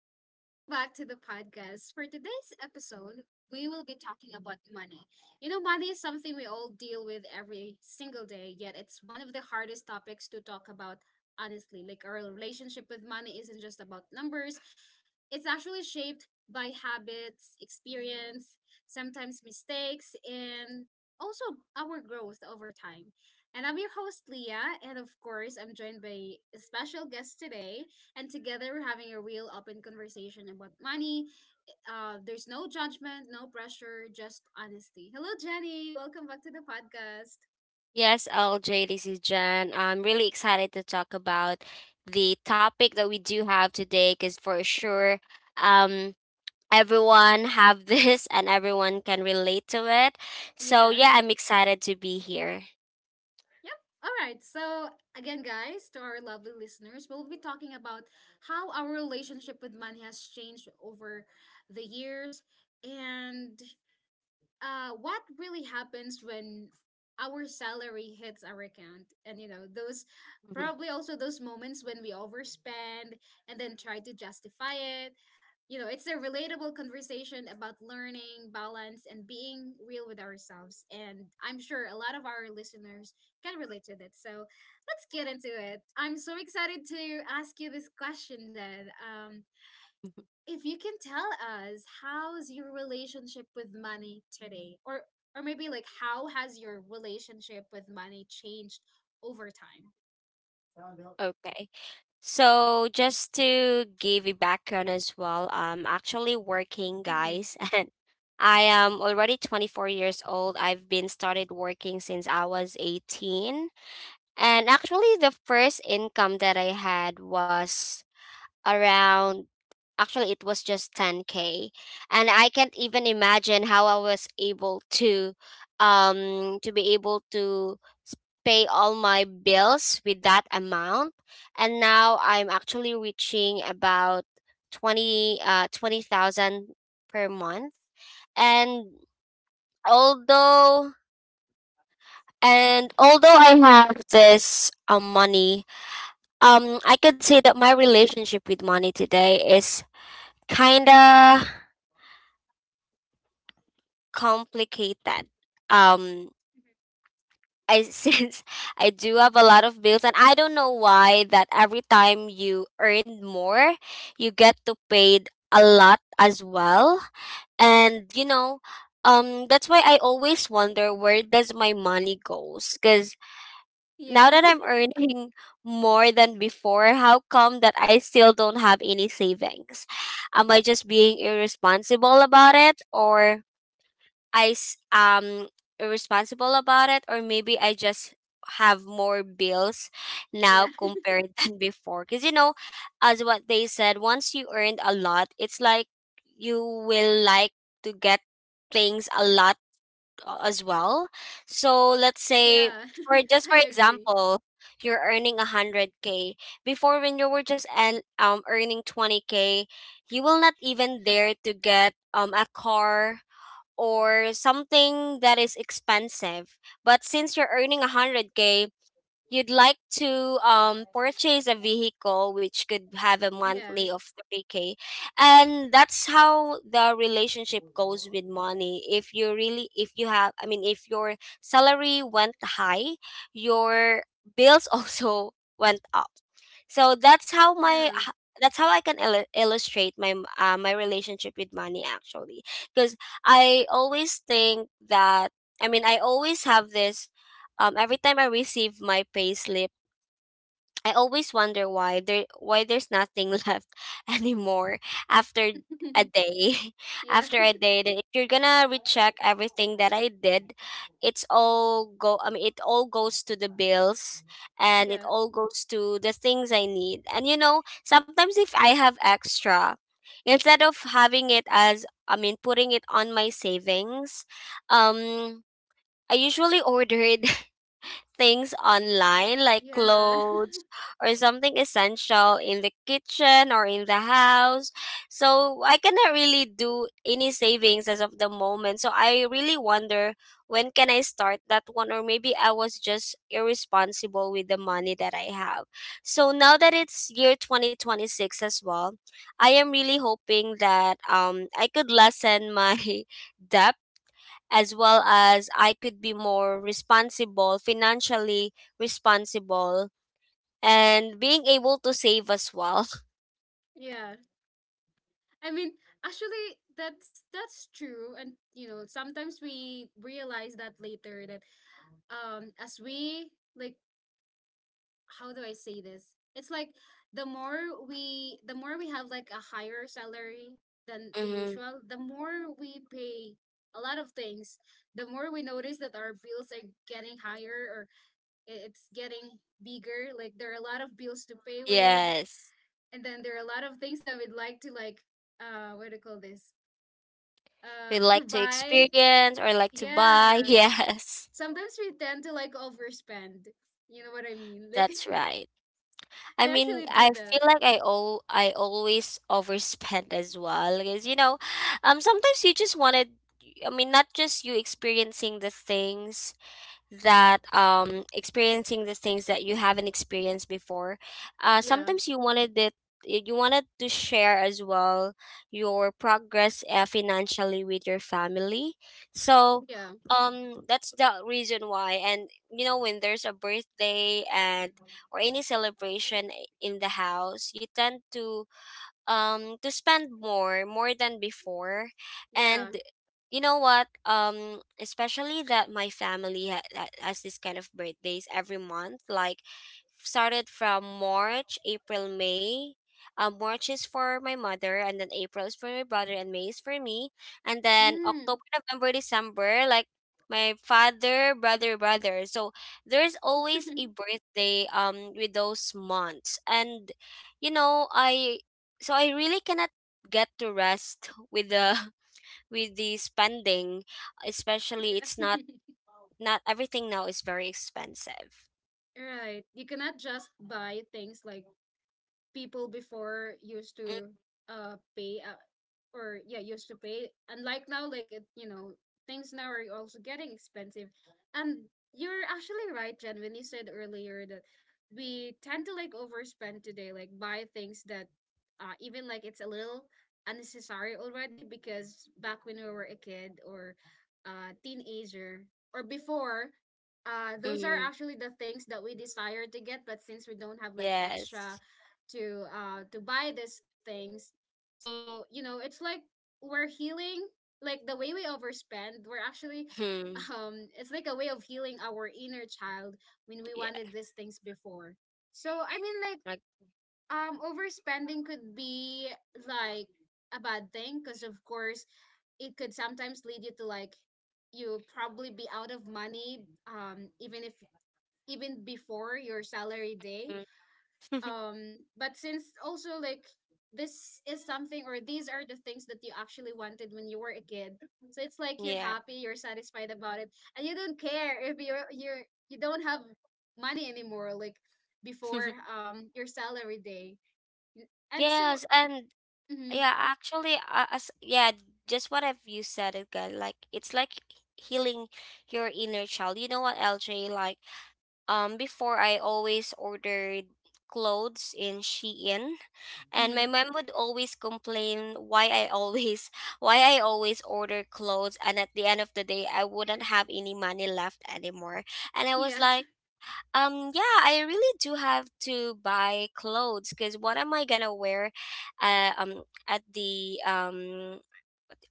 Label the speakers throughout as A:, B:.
A: and welcome back to the podcast. For today's episode, we will be talking about money. Money is something we all deal with every single day, yet it's one of the hardest topics to talk about, honestly. Like, our relationship with money isn't just about numbers, it's actually shaped by habits, experience, sometimes mistakes, and also our growth over time. And I'm your host, Leah, and of course, I'm joined by a special guest today. And together we're having a real open conversation about money. There's no judgment, no pressure, just honesty. Hello, Jenny. Welcome back to the podcast.
B: Yes, LJ, this is Jen. I'm really excited to talk about the topic that we do have today because for sure, um, everyone have this and everyone can relate to it. So
A: Yeah.
B: yeah, I'm excited to be here.
A: Yep. All right. So, again, guys, to our lovely listeners, we'll be talking about how our relationship with money has changed over the years and what really happens when our salary hits our account, and those, probably also those moments when we overspend and then try to justify it. It's a relatable conversation about learning balance and being real with ourselves, and I'm sure a lot of our listeners can relate to that. So let's get into it. I'm so excited to ask you this question, Jen.
B: Mhm.
A: If you can tell us, how's your relationship with money today, or maybe like how has your relationship with money changed over time?
B: Okay. So just to give a background as well, I'm actually working,
A: Mm-hmm.
B: guys, and I am already 24 years old. I've been started working since I was 18. And actually the first income that I had was around actually it was just 10k, and I can't even imagine how I was able to, to be able to s- pay all my bills with that amount. And now I'm actually reaching about 20 20,000 per month. And although
A: Mm-hmm.
B: although I have this money, I could say that my relationship with money today is kinda complicated. Um, I since I do have a lot of bills, and I don't know why that every time you earn more, you get to paid a lot as well. And you know, that's why I always wonder where does my money goes. Because now
A: Yeah.
B: that I'm earning more than before, how come that I still don't have any savings? Am I just being irresponsible about it, or I s- um irresponsible about it, or maybe I just have more bills
A: yeah.
B: now compared than before? Because you know, as what they said, once you earned a lot, it's like you will like to get things a lot as well. So let's say,
A: yeah.
B: for just
A: I
B: for
A: agree.
B: example, you're earning 100k. Before when you were just and earning 20k, you will not even dare to get a car or something that is expensive. But since you're earning 100k, you'd like to purchase a vehicle which could have a
A: Yeah.
B: monthly of 3K. And that's how the relationship goes with money. If you really, if you have, I mean, if your salary went high, your bills also went up. So that's how
A: Yeah.
B: that's how I can illustrate my relationship with money actually. Because I always think that, I mean, I always have this every time I receive my payslip, I always wonder why there's nothing left anymore after a day.
A: yeah.
B: After a day, then if you're gonna recheck everything that I did, it's all go. I mean, it all goes to the bills, and it
A: Yeah.
B: all goes to the things I need. And you know, sometimes if I have extra, instead of having it as I mean, putting it on my savings, um, I usually order it, things online like
A: Yeah.
B: clothes or something essential in the kitchen or in the house. So I cannot really do any savings as of the moment. So I really wonder when can I start that one, or maybe I was just irresponsible with the money that I have. So now that it's year 2026 as well, I am really hoping that I could lessen my debt, as well as I could be more responsible, financially responsible, and being able to save as well.
A: yeah. I mean, actually, that's true. And sometimes we realize that later that as we, like, how do I say this? It's like the more we, the more we have like a higher salary than the
B: Hmm.
A: usual, the more we pay a lot of things, the more we notice that our bills are getting higher or it's getting bigger. Like, there are a lot of bills to pay with,
B: Yes.
A: and then there are a lot of things that we'd like to, like, what do you call this? Uh,
B: We
A: to
B: like to
A: buy.
B: experience or like to buy.
A: Yeah.
B: Yes.
A: Sometimes we tend to, like, overspend. You know what I mean? Like,
B: That's right. I
A: I
B: mean,
A: actually
B: I
A: do that.
B: feel like I always overspend as well. Because you know, sometimes you just wanted, I mean, not just you experiencing the things that you haven't experienced before. Uh,
A: Yeah.
B: sometimes you wanted it, you wanted to share as well your progress, financially with your family. So
A: Yeah.
B: that's the reason why. And you know, when there's a birthday and or any celebration eh, in the house, you tend to spend more, more than before.
A: Yeah.
B: And you know what, especially that my family has this kind of birthdays every month. Like started from March, April, May. Uh, March is for my mother, and then April is for my brother, and May is for me. And then
A: Mm.
B: October, November, December, like my father, brother, So there's always a birthday with those months. And you know, I so I really cannot get to rest with the with the spending. Especially it's
A: yeah.
B: not, not everything now is very expensive.
A: right. You cannot just buy things like people before used to pay, or yeah, used to pay unlike now. Like, it you know, things now are also getting expensive. And you're actually right, Jen, when you said earlier that we tend to, like, overspend today, like buy things that even like it's a little unnecessary already because back when we were a kid or teenager or before, those are
B: Mm.
A: actually the things that we desire to get, but since we don't have like
B: Yes.
A: extra to, to buy these things. So you know, it's like we're healing, like the way we overspend, we're actually,
B: Hmm.
A: it's like a way of healing our inner child when we
B: Yeah,
A: wanted these things before. So I mean, like,
B: like.
A: overspending could be like a bad thing because of course it could sometimes lead you to, like, you probably be out of money, even if, even before your salary day.
B: Mm.
A: But since also, like, this is something, or these are the things that you actually wanted when you were a kid, so it's like you're
B: Yeah.
A: happy, you're satisfied about it, and you don't care if you're you don't have money anymore, like before your salary day. And so,
B: Yes. And
A: mm-hmm.
B: yeah, actually, as yeah, just what have you said again, like it's like healing your inner child. You know what, LJ, like before I always ordered clothes in Shein. And my
A: Mm-hmm.
B: mom would always complain why I always why I always order clothes, and at the end of the day I wouldn't have any money left anymore. And I was
A: Yeah.
B: like, yeah, I really do have to buy clothes, cuz what am I going to wear, at the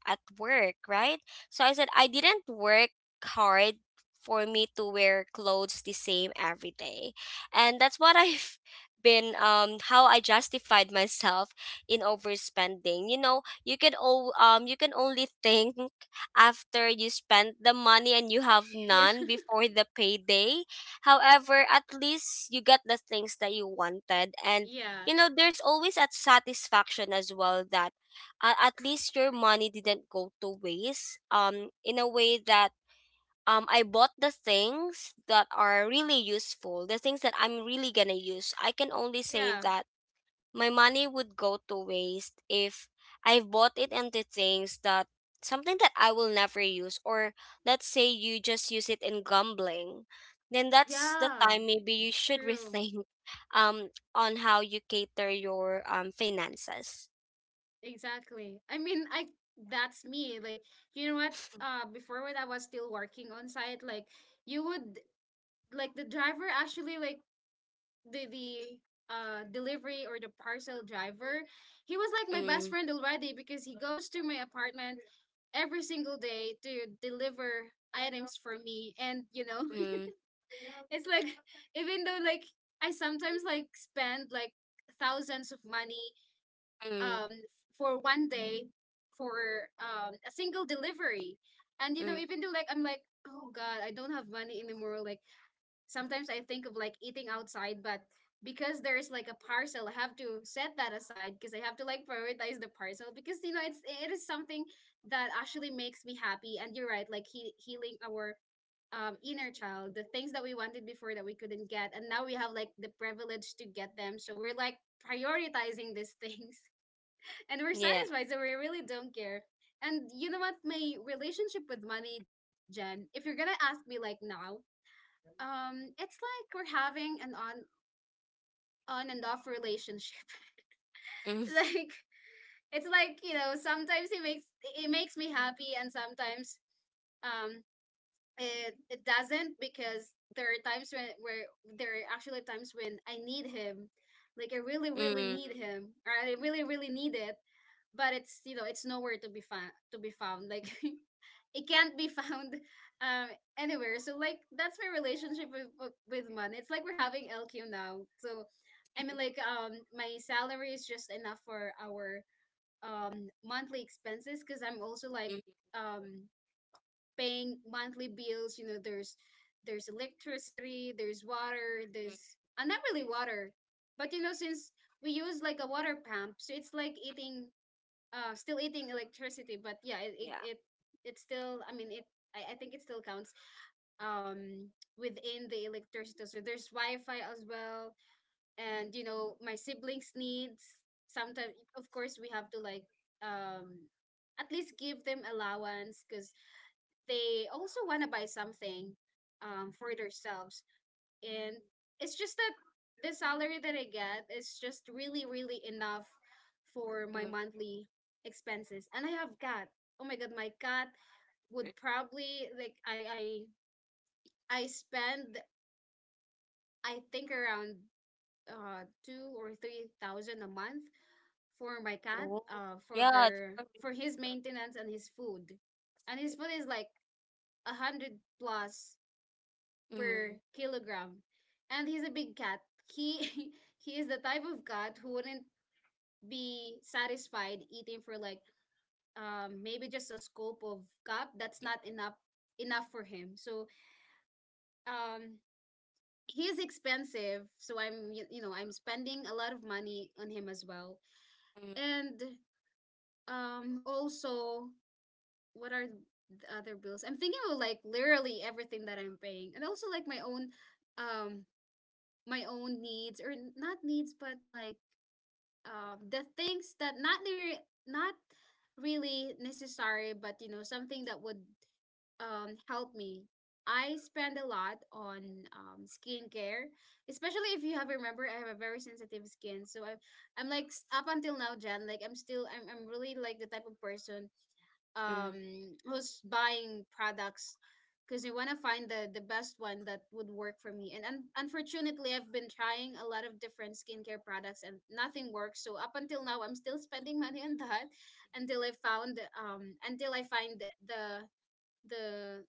B: at work, right? So I said, I didn't work hard for me to wear clothes the same every day. And that's what I've been, how I justified myself in overspending. You know, you can you can only think after you spend the money and you have
A: yeah.
B: none before the payday. However, at least you get the things that you wanted. And
A: Yeah.
B: you know, there's always a satisfaction as well that at least your money didn't go to waste, in a way that I bought the things that are really useful, the things that I'm really gonna use. I can only say
A: Yeah.
B: that my money would go to waste if I bought it into things that something that I will never use, or let's say you just use it in gambling. Then that's the
A: Yeah.
B: time maybe you should
A: True.
B: rethink um on how you cater your finances.
A: Exactly. I mean, I that's me. Like, you know what? Before, when I was still working on site, like, you would, like, the driver actually, like, the delivery or the parcel driver, he was like my
B: Mm,
A: best friend already because he goes to my apartment every single day to deliver items for me. And you know,
B: mm,
A: it's like, even though, like, I sometimes, like, spend like thousands of money
B: mm.
A: um for 1 day, for a single delivery. And you know,
B: Mm,
A: even though, like, I'm like, oh god, I don't have money anymore, like, sometimes I think of like eating outside, but because there is like a parcel, I have to set that aside because I have to, like, prioritize the parcel. Because, you know, it's, it is something that actually makes me happy. And you're right, like, healing our inner child, the things that we wanted before that we couldn't get, and now we have like the privilege to get them. So we're like prioritizing these things, and we're
B: yeah.
A: satisfied, so we really don't care. And you know what? My relationship with money, Jen, if you're gonna ask me like now, it's like we're having an on and off relationship.
B: Mm,
A: like, it's like, you know, sometimes it makes me happy, and sometimes, um, it, it doesn't. Because there are times when where there are actually times when I need him, like I really really
B: mm,
A: need him, or I really really need it. But it's, you know, it's nowhere to be found. Like, it can't be found um anywhere. So, like, that's my relationship with money. It's like we're having LQ now. So I mean, like, my salary is just enough for our monthly expenses, because I'm also, like,
B: mm,
A: um paying monthly bills. You know, there's electricity, there's water,
B: mm,
A: there's, not really water, but you know, since we use like a water pump, so it's like eating, still eating electricity. But yeah, it it,
B: yeah.
A: it it's still, I mean, it I think it still counts um within the electricity. So there's Wi-Fi as well. And you know, my siblings' needs, sometimes of course we have to, like, um at least give them allowance because they also want to buy something for themselves. And it's just that the salary that I get is just really, really enough for my
B: Mm.
A: monthly expenses. And I have cat. Oh my god, my cat would probably like, I spend, I think, around 2 or 3 thousand a month for my cat,
B: Oh,
A: for
B: yeah,
A: her,
B: they are really
A: for his
B: conservative.
A: maintenance and his food. And his food is like 100 plus per
B: Mm,
A: kilogram. And he's a big cat. He, he is the type of cat who wouldn't be satisfied eating for like, maybe just a scoop of cup. That's not enough enough for him. So, um he's expensive. So I'm, you know, I'm spending a lot of money on him as well.
B: mm,
A: And also, what are the other bills? I'm thinking of like literally everything that I'm paying. And also like um my own needs, or not needs, but like, the things that not really necessary, but you know, something that would help me. I spend a lot on skincare. Especially, if you have, remember, I have a very sensitive skin, so I am I'm like s- up until now, Jen, like, I'm really like the type of person
B: mm,
A: who's buying products because I want to find the best one that would work for me. And, unfortunately, I've been trying a lot of different skincare products and nothing works. So up until now, I'm still spending money on that until I found until I find the,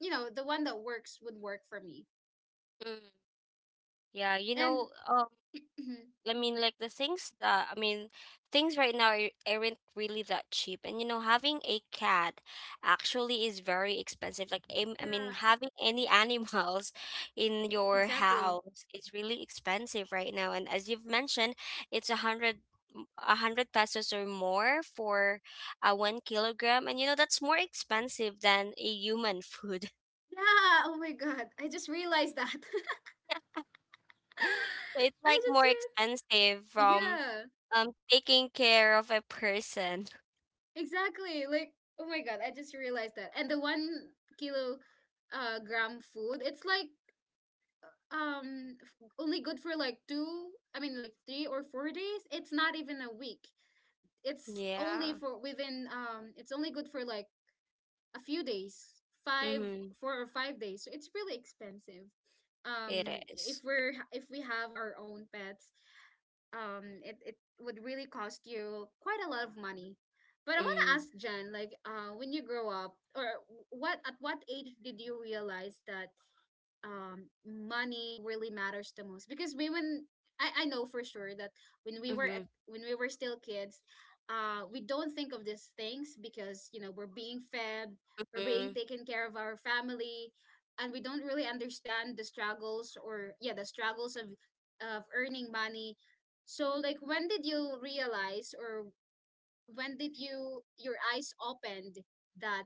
A: you know, the one that work for me.
B: mm. Yeah, you
A: And
B: know,
A: Mhm.
B: I mean, like the things that, I mean, things right now are, aren't really that cheap. And you know, having a cat actually is very expensive. Like, I
A: Yeah,
B: mean, having any animals in your
A: exactly.
B: house is really expensive right now. And as you've mentioned, it's a hundred. A hundred pesos or more for a 1 kilogram, and you know that's more expensive than a human food.
A: Yeah. Oh my god, I just realized that.
B: So it's
A: I
B: like
A: just
B: more expensive from
A: yeah.
B: taking care of a person.
A: Exactly. Like, oh my god, I just realized that. And the one kilo gram food, it's like, only good for like two, I mean like 3 or 4 days. It's not even a week. It's only
B: Yeah.
A: for within, it's only good for like a few days, five,
B: Mm-hmm.
A: 4 or 5 days. So it's really expensive. Um,
B: It
A: if
B: is.
A: we're, if we have our own pets, it, it would really cost you quite a lot of money. But I want to
B: Mm-hmm.
A: ask, Jen, like, when you grow up, or what, at what age did you realize that, money really matters the most? Because women, I know for sure that when we were at,
B: Mm-hmm.
A: when we were still kids, we don't think of these things because you know we're being fed, we're being
B: Mm-hmm.
A: taken care of our family, and we don't really understand the struggles, or yeah, the struggles of earning money. So like, when did you realize, or when did you your eyes opened that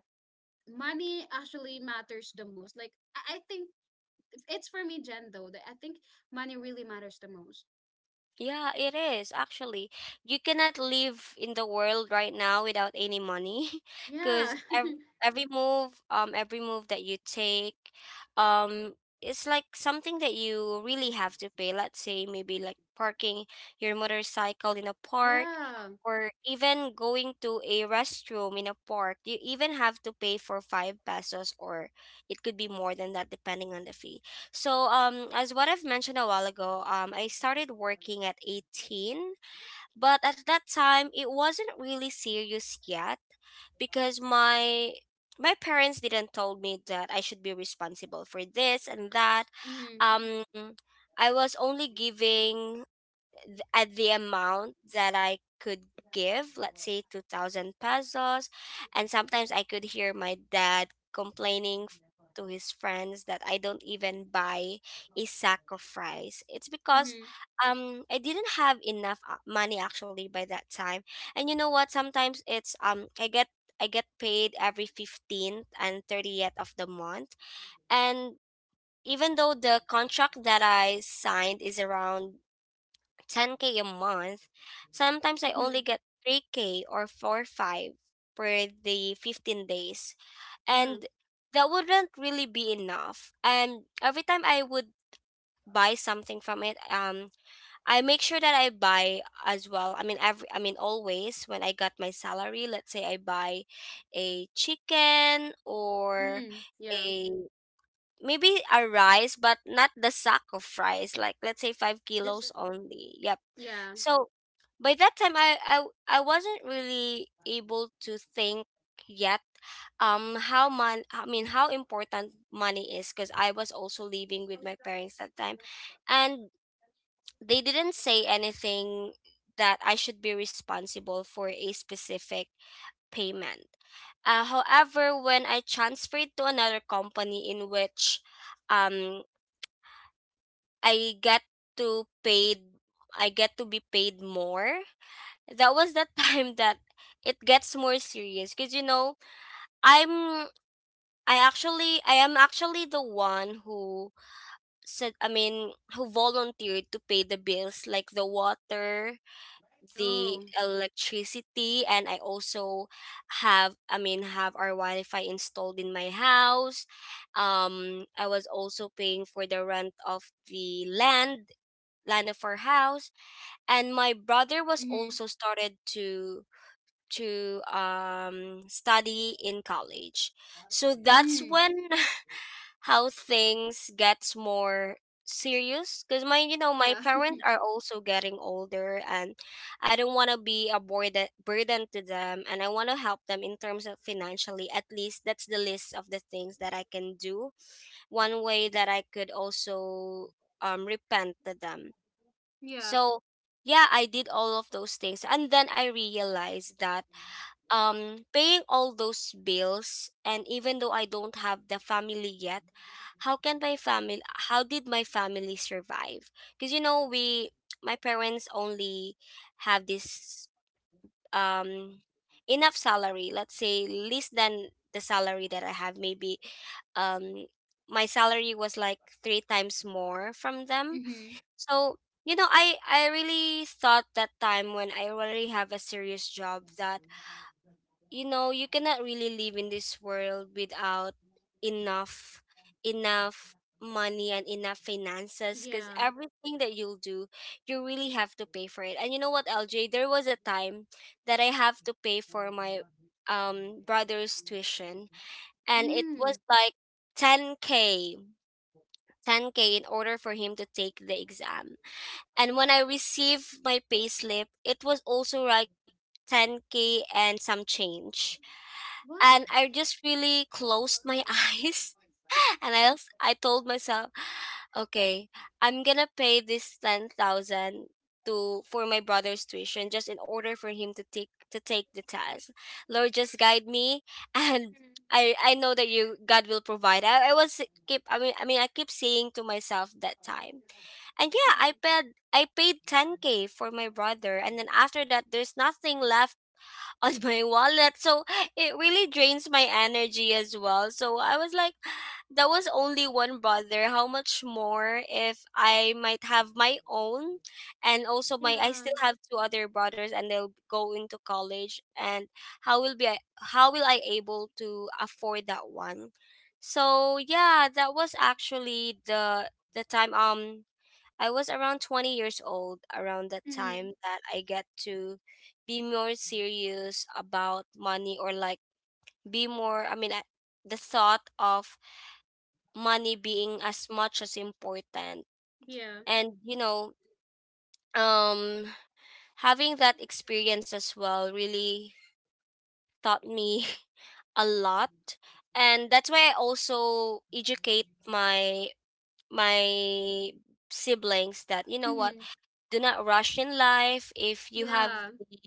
A: money actually matters the most? Like, I think, it's for me, Jen, though, that I think money really matters the most.
B: Yeah, it is actually. You cannot live in the world right now without any money
A: Yeah.
B: because every move that you take, um, it's like something that you really have to pay. Let's say maybe like parking your motorcycle in a park
A: yeah.
B: or even going to a restroom in a park. You even have to pay for five pesos, or it could be more than that depending on the fee. So, as what I've mentioned a while ago, I started working at 18, but at that time it wasn't really serious yet. Because my parents didn't told me that I should be responsible for this and that.
A: Mm-hmm.
B: Um, I was only giving at the amount that I could give, let's say 2,000 pesos. And sometimes I could hear my dad complaining to his friends that I don't even buy a sack of rice. It's because
A: Mm-hmm.
B: I didn't have enough money actually by that time. And you know what, sometimes it's I get paid every 15th and 30th of the month. And even though the contract that I signed is around 10k a month, sometimes I
A: Mm-hmm.
B: only get 3k or 4 5 per the 15 days.
A: Yeah.
B: And that wouldn't really be enough. And every time I would buy something from it, I make sure that I buy as well. I mean always when I got my salary, let's say I buy a chicken or
A: Mm. Yeah.
B: a maybe a rice, but not the sack of rice. Like let's say five
A: This is.
B: kilos only. Yep.
A: Yeah.
B: So by that time, I wasn't really able to think yet how important money is, because I was also living with my parents that time. And they didn't say anything that I should be responsible for a specific payment. However, when I transferred to another company in which, um, I get to paid I get to be paid more, that was the time that it gets more serious. Because you know, I'm I am actually the one who said I mean who volunteered to pay the bills, like the water, the
A: Oh.
B: electricity. And I also have I mean have our Wi-Fi installed in my house. I was also paying for the rent of the land, land of our house. And my brother was
A: Mm-hmm.
B: also started to study in college. So that's
A: Mm.
B: when how things gets more serious because my you know my
A: Yeah.
B: parents are also getting older, and I don't want to be a burden to them, and I want to help them in terms of financially. At least that's the list of the things that I can do, one way that I could also repent to them.
A: yeah.
B: So yeah, I did all of those things, and then I realized that paying all those bills, and even though I don't have the family yet, how can my family how did my family survive? Because we, my parents only have this um enough salary, let's say less than the salary that I have. Maybe um my salary was like three times more from them.
A: Mm-hmm.
B: So I really thought that time, when I already have a serious job, that you know you cannot really live in this world without enough enough money and enough finances, because
A: Yeah.
B: everything that you'll do, you really have to pay for it. And you know what, LJ, there was a time that I have to pay for my brother's tuition, and it was
A: Mm.
B: like 10k, 10k in order for him to take the exam. And when I received my payslip, it was also like 10k and some change, and I
A: What?
B: just really closed my eyes. And I told myself, okay, I'm gonna pay this 10,000 to for my brother's tuition, just in order for him to take the test. Lord, just guide me and. I know that you, God, will provide. I was keep I mean I mean I keep saying to myself that time. And yeah, I
A: Mm-hmm.
B: paid, I paid 10k for my brother, and then after that there's nothing left on my wallet. So it really drains my energy as well. So I was like, that was only one brother. How much more if I might have my own? And also my, I
A: Yeah.
B: still have two other brothers and they'll go into college. And how will be I, how will I able to afford that one? So yeah, that was actually the time I was around 20 years old around that time
A: Mm.
B: that I get to be more serious about money, or like be more, I mean, I, the thought of money being as much as important.
A: Yeah.
B: And, you know, um, having that experience as well really taught me a lot. And that's why I also educate my my siblings that, you know what,
A: Mm-hmm.
B: do not rush in life. If you have
A: Yeah.
B: the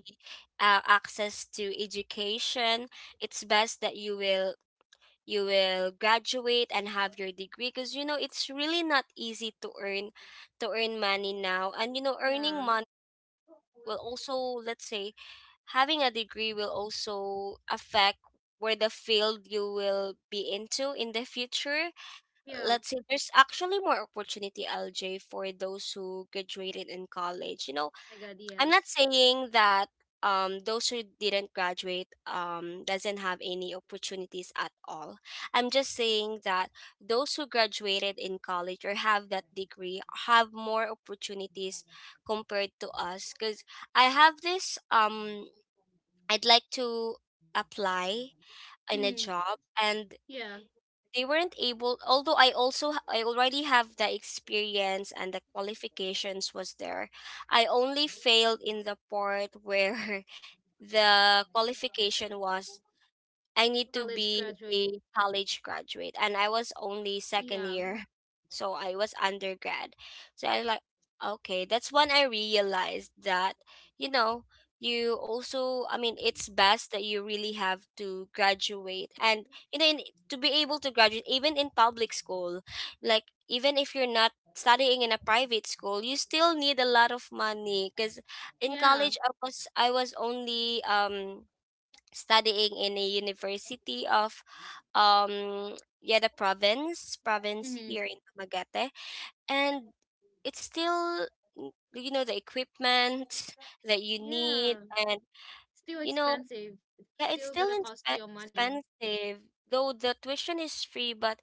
B: access to education, it's best that you will graduate and have your degree, because you know it's really not easy to earn money now. And you know earning
A: Yeah.
B: money will also, let's say, having a degree will also affect where the field you will be into in the future.
A: Yeah. Oh
B: Let's say there's actually more opportunity, LJ, for those who graduated in college. You know,
A: my god,
B: I'm not
A: yes.
B: saying that those who didn't graduate doesn't have any opportunities at all. I'm just saying that those who graduated in college or have that degree have more opportunities compared to us, cuz I have this I'd like to apply in a
A: Mm-hmm.
B: job, and
A: Yeah,
B: they weren't able. Although I also I already have the experience, and the qualifications was there. I only failed in the part where the qualification was I need to
A: college
B: be
A: graduate.
B: a college graduate, and I was only second
A: Yeah.
B: year, so I was undergrad. So I like, okay, that's when I realized that, you know, you also, I mean, it's best that you really have to graduate, and you know, in, to be able to graduate, even in public school, like even if you're not studying in a private school, you still need a lot of money. Because in
A: Yeah.
B: college I was only studying in a university of um yeah the province
A: Mm-hmm.
B: here in Magate. And it's still you know the equipment that you need,
A: Yeah.
B: and
A: Still
B: you know
A: expensive.
B: yeah it's
A: Still
B: still
A: gonna cost you money.
B: expensive, though the tuition is free. But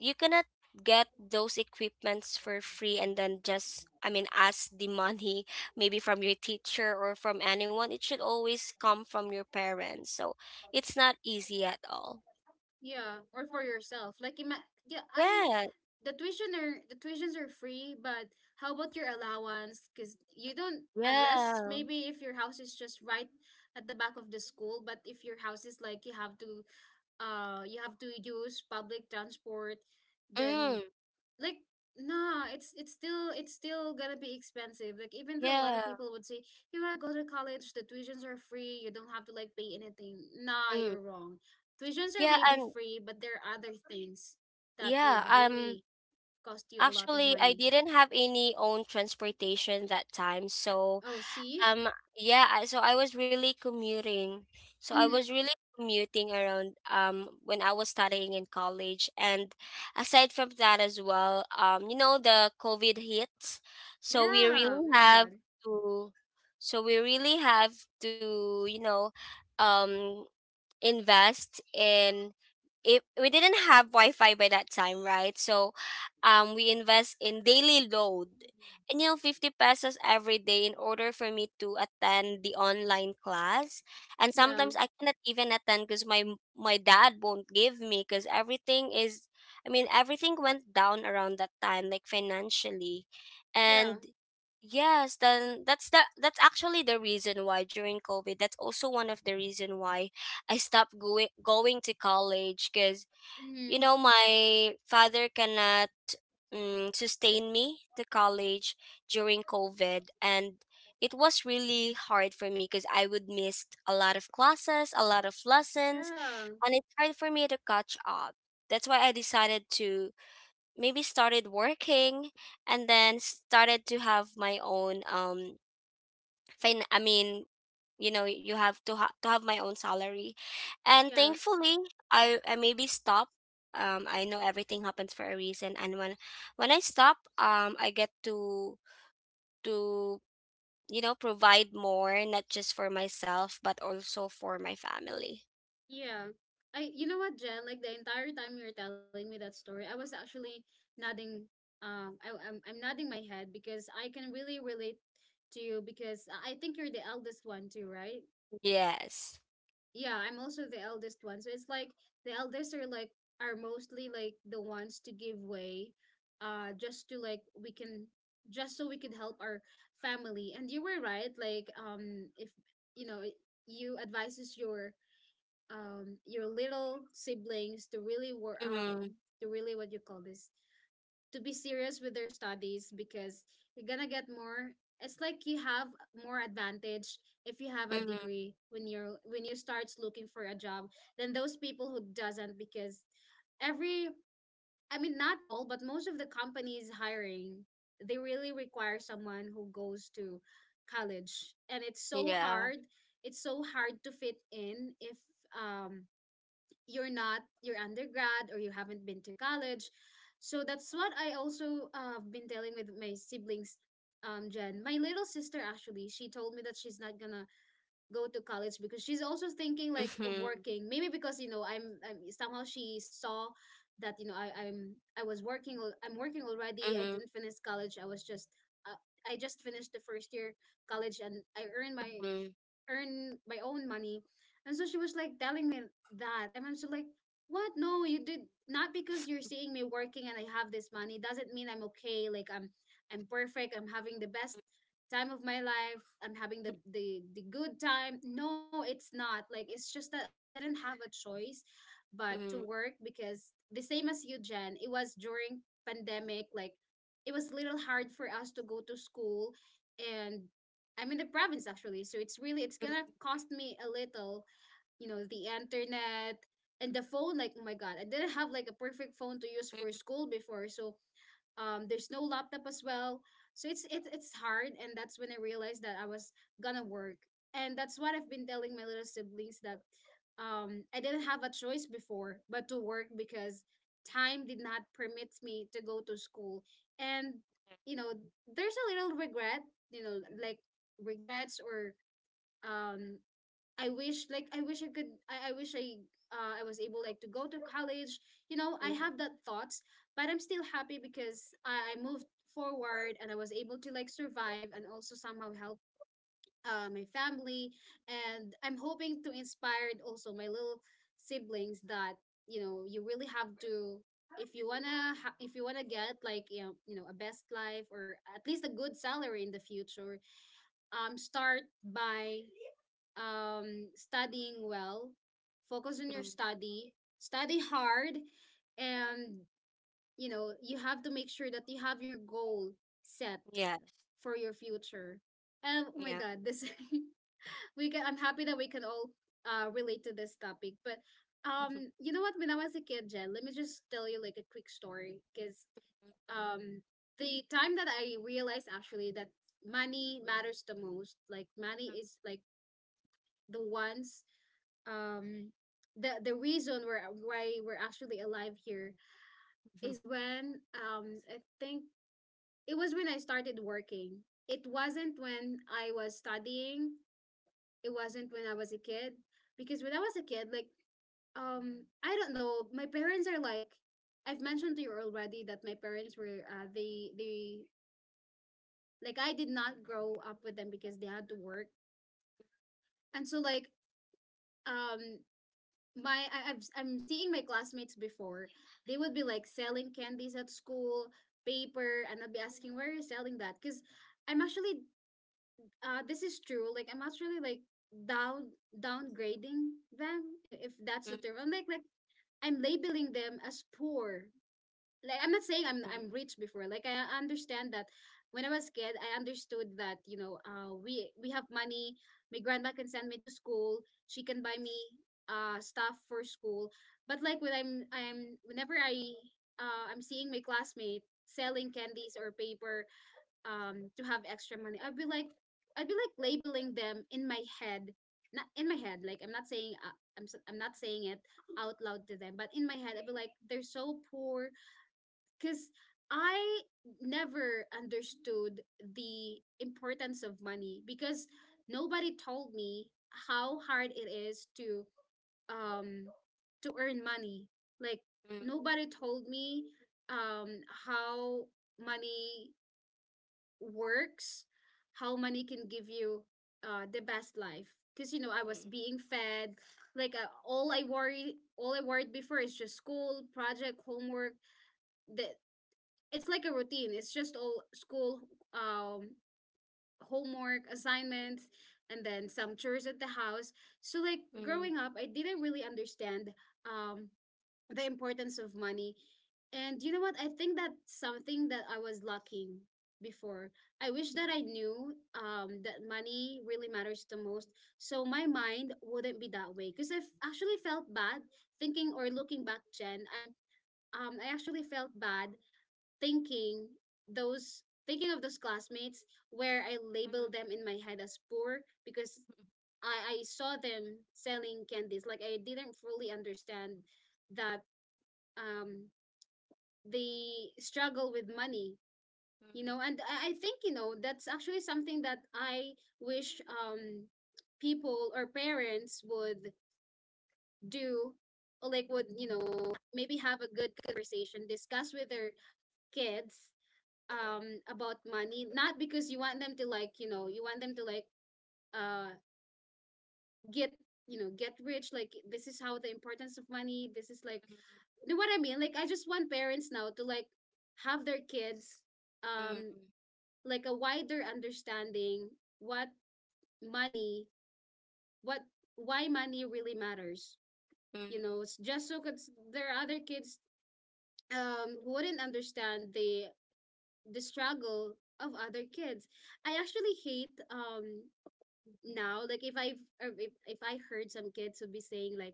B: you cannot get those equipments for free, and then just, I mean, ask the money maybe from your teacher or from anyone. It should always come from your parents. So it's not easy at all.
A: Yeah. Or for yourself. Like I,
B: Yeah.
A: the tuitions are free, but how about your allowance? Because you don't, unless
B: Yeah.
A: maybe if your house is just right at the back of the school. But if your house is like, you have to use public transport, then,
B: Mm,
A: like, nah, it's still, it's still gonna be expensive. Like, even though a lot of
B: yeah.
A: people would say, you, I go to college, the tuitions are free, you don't have to like pay anything, nah,
B: Mm.
A: you're wrong. Tuitions are
B: Yeah.
A: maybe
B: And
A: free, but there are other things that
B: yeah.
A: would really cost you a lot of
B: Actually I
A: money.
B: didn't have any own transportation that time. So
A: Oh, see.
B: Um, yeah, so I was really commuting. So I was
A: Mm-hmm.
B: really commuting around when I was studying in college. And aside from that as well, you know, the COVID hits. So we
A: Yeah.
B: really
A: Oh my
B: have
A: god.
B: to, so we really have to you know, um invest in. If we didn't have Wi-Fi by that time, right? So, we invest in daily load, and you know, 50 pesos every day in order for me to attend the online class. And
A: Yeah.
B: sometimes I cannot even attend because my dad won't give me, because everything is, I mean, everything went down around that time, like financially,
A: Yeah.
B: and. Yes, then that's the that's actually the reason why during COVID, that's also one of the reason why I stopped going to college. Because you
A: Mm-hmm.
B: know my father cannot, mm, sustain me to college during COVID, and it was really hard for me, because I would miss a lot of classes, a lot of lessons,
A: Yeah.
B: and it's hard for me to catch up. That's why I decided to maybe started working, and then started to have my own fin, I mean, you know, you have to to have my own salary. And
A: Yeah.
B: thankfully, I maybe stop. I know everything happens for a reason, and when I stop, I get to you know provide more, not just for myself but also for my family.
A: Yeah. I you know what, Jen? Like, the entire time you were telling me that story, I was actually nodding. I'm nodding my head because I can really relate to you, because I think you're the eldest one too, right?
B: Yes.
A: Yeah, I'm also the eldest one. So it's like, the eldest are like, are mostly like the ones to give way, just to like we can, just so we could help our family. And you were right, like, if you know, you advises your little siblings to really work,
B: Mm-hmm.
A: to really, what you call this, to be serious with their studies, because you're gonna get more, it's like you have more advantage if you have a
B: Mm-hmm.
A: degree when you start looking for a job than those people who doesn't, because every, I mean, not all but most of the companies hiring, they really require someone who goes to college. And it's so
B: Yeah.
A: hard, it's so hard to fit in if, um you're not, your undergrad, or you haven't been to college. So that's what I also, have been telling with my siblings. Jen, my little sister, actually she told me that she's not gonna go to college, because she's also thinking like of
B: Mm-hmm.
A: working, maybe because, you know, I'm, somehow she saw that, you know, I was working, I'm working already, I
B: Mm-hmm.
A: didn't finish college, I was just uh, I just finished the first year college and I earned my,
B: Mm-hmm.
A: earn my own money. And so she was like telling me that. And I'm so like, what? No, you did not, because you're seeing me working and I have this money doesn't mean I'm okay. Like, I'm perfect, I'm having the best time of my life, I'm having the the good time. No, it's not. Like, it's just that I didn't have a choice but to
B: Mm-hmm.
A: work, because the same as you, Jen, it was during pandemic. Like, it was a little hard for us to go to school and I'm in the province actually, so it's really, it's gonna cost me a little, you know, the internet and the phone. Like, oh my god, I didn't have like a perfect phone to use for school before, so there's no laptop as well. So it's, it's hard, and that's when I realized that I was gonna work. And that's what I've been telling my little siblings, that I didn't have a choice before but to work, because time did not permit me to go to school. And, you know, there's a little regret, you know, like regrets, or um I wish, like I wish I could, I wish I, I was able like to go to college. You know, I
B: Mm-hmm.
A: have that thoughts, but I'm still happy because I moved forward and I was able to like survive and also somehow help my family. And I'm hoping to inspire also my little siblings, that you know, you really have to, if you wanna if you wanna get, like, you know, you know, a best life or at least a good salary in the future, start by studying well, focus on your
B: Mm-hmm.
A: study, study hard, and you know, you have to make sure that you have your goal set
B: Yeah.
A: for your future. And oh my
B: Yeah.
A: God, this we can. I'm happy that we can all relate to this topic, but.
B: Mm-hmm.
A: You know what? When I was a kid, Jen, let me just tell you like a quick story, because um, the time that I realized actually that money matters the most, like money
B: Mm-hmm.
A: is like the ones, um the reason we're why we're actually alive here,
B: Mm-hmm.
A: is when, I think it was when I started working. It wasn't when I was studying, it wasn't when I was a kid, because when I was a kid, like, I don't know, my parents are like, I've mentioned to you already that my parents were, they, like, I did not grow up with them because they had to work. And so like, um my, I'm seeing my classmates before. They would be like selling candies at school, paper, and I'd be asking, where are you selling that? Because I'm actually, this is true. Like, I'm actually like down, downgrading them, if that's the term. I'm like, I'm labeling them as poor. Like, I'm not saying I'm
B: Mm-hmm.
A: I'm rich before. Like, I understand that when I was a kid, I understood that, you know, we have money. My grandma can send me to school, she can buy me stuff for school. But like when I'm whenever I, I'm seeing my classmate selling candies or paper to have extra money, I'd be like, I'd be like labeling them in my head. Not in my head. Like, I'm not saying, I'm not saying it out loud to them, but in my head, I'd be like, they're so poor, because I never understood the importance of money, because nobody told me how hard it is to, um to earn money. Like,
B: Mm,
A: nobody told me um how money works, how money can give you the best life. Because, you know, I
B: mm,
A: was being fed, like, all I worried before is just school, project, homework, that, it's like a routine. It's just all school, um homework, assignments, and then some chores at the house. So like
B: mm,
A: growing up, I didn't really understand um the importance of money. And you know what? I think that's something that I was lacking before. I wish
B: mm,
A: that
B: mm,
A: I knew that money really matters the most. So my mind wouldn't be that way. Because I actually felt bad thinking, or looking back, Jen. I'm, I actually felt bad thinking, those thinking of those classmates where I labeled them in my head as poor, because I saw them selling candies. Like, I didn't fully understand that um they struggle with money,
B: mm, mm,
A: you know. And I think, you know, that's actually something that I wish, people or parents would do, or like would, you know, maybe have a good conversation, discuss with their kids about money. Not because you want them to like, you know, you want them to like, uh get, you know, get rich, like, this is how the importance of money, this is like,
B: mm,
A: you know what I mean. Like, I just want parents now to like have their kids
B: mm, mm,
A: um
B: mm,
A: like a wider understanding, what money, what, why money really matters, you know, just so, 'cause there are other kids who wouldn't understand the struggle of other kids. I actually hate, now, like, if I heard some kids would be saying like,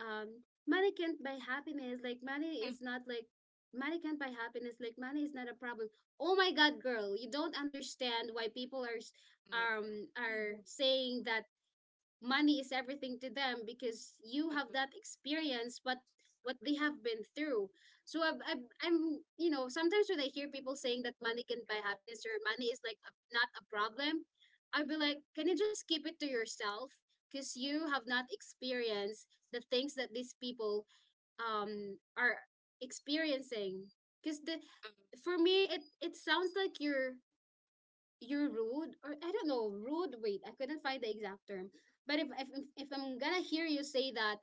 A: um money can't buy happiness, like money
B: mm, mm,
A: is not like, money can't buy happiness, like money is not a problem. Oh my god, girl, you don't understand why people are
B: mm.
A: are saying that money is everything to them, because you have
B: Mm.
A: that experience, but what they have been through. So I'm, you know, sometimes when I hear people saying that money can buy happiness or money is like a, not a problem, I'd be like, can you just keep it to yourself, because you have not experienced the things that these people are experiencing. Because the, for me, it sounds like you're rude, or, I don't know, rude. Wait, I couldn't find the exact term. But if, if I'm gonna hear you say that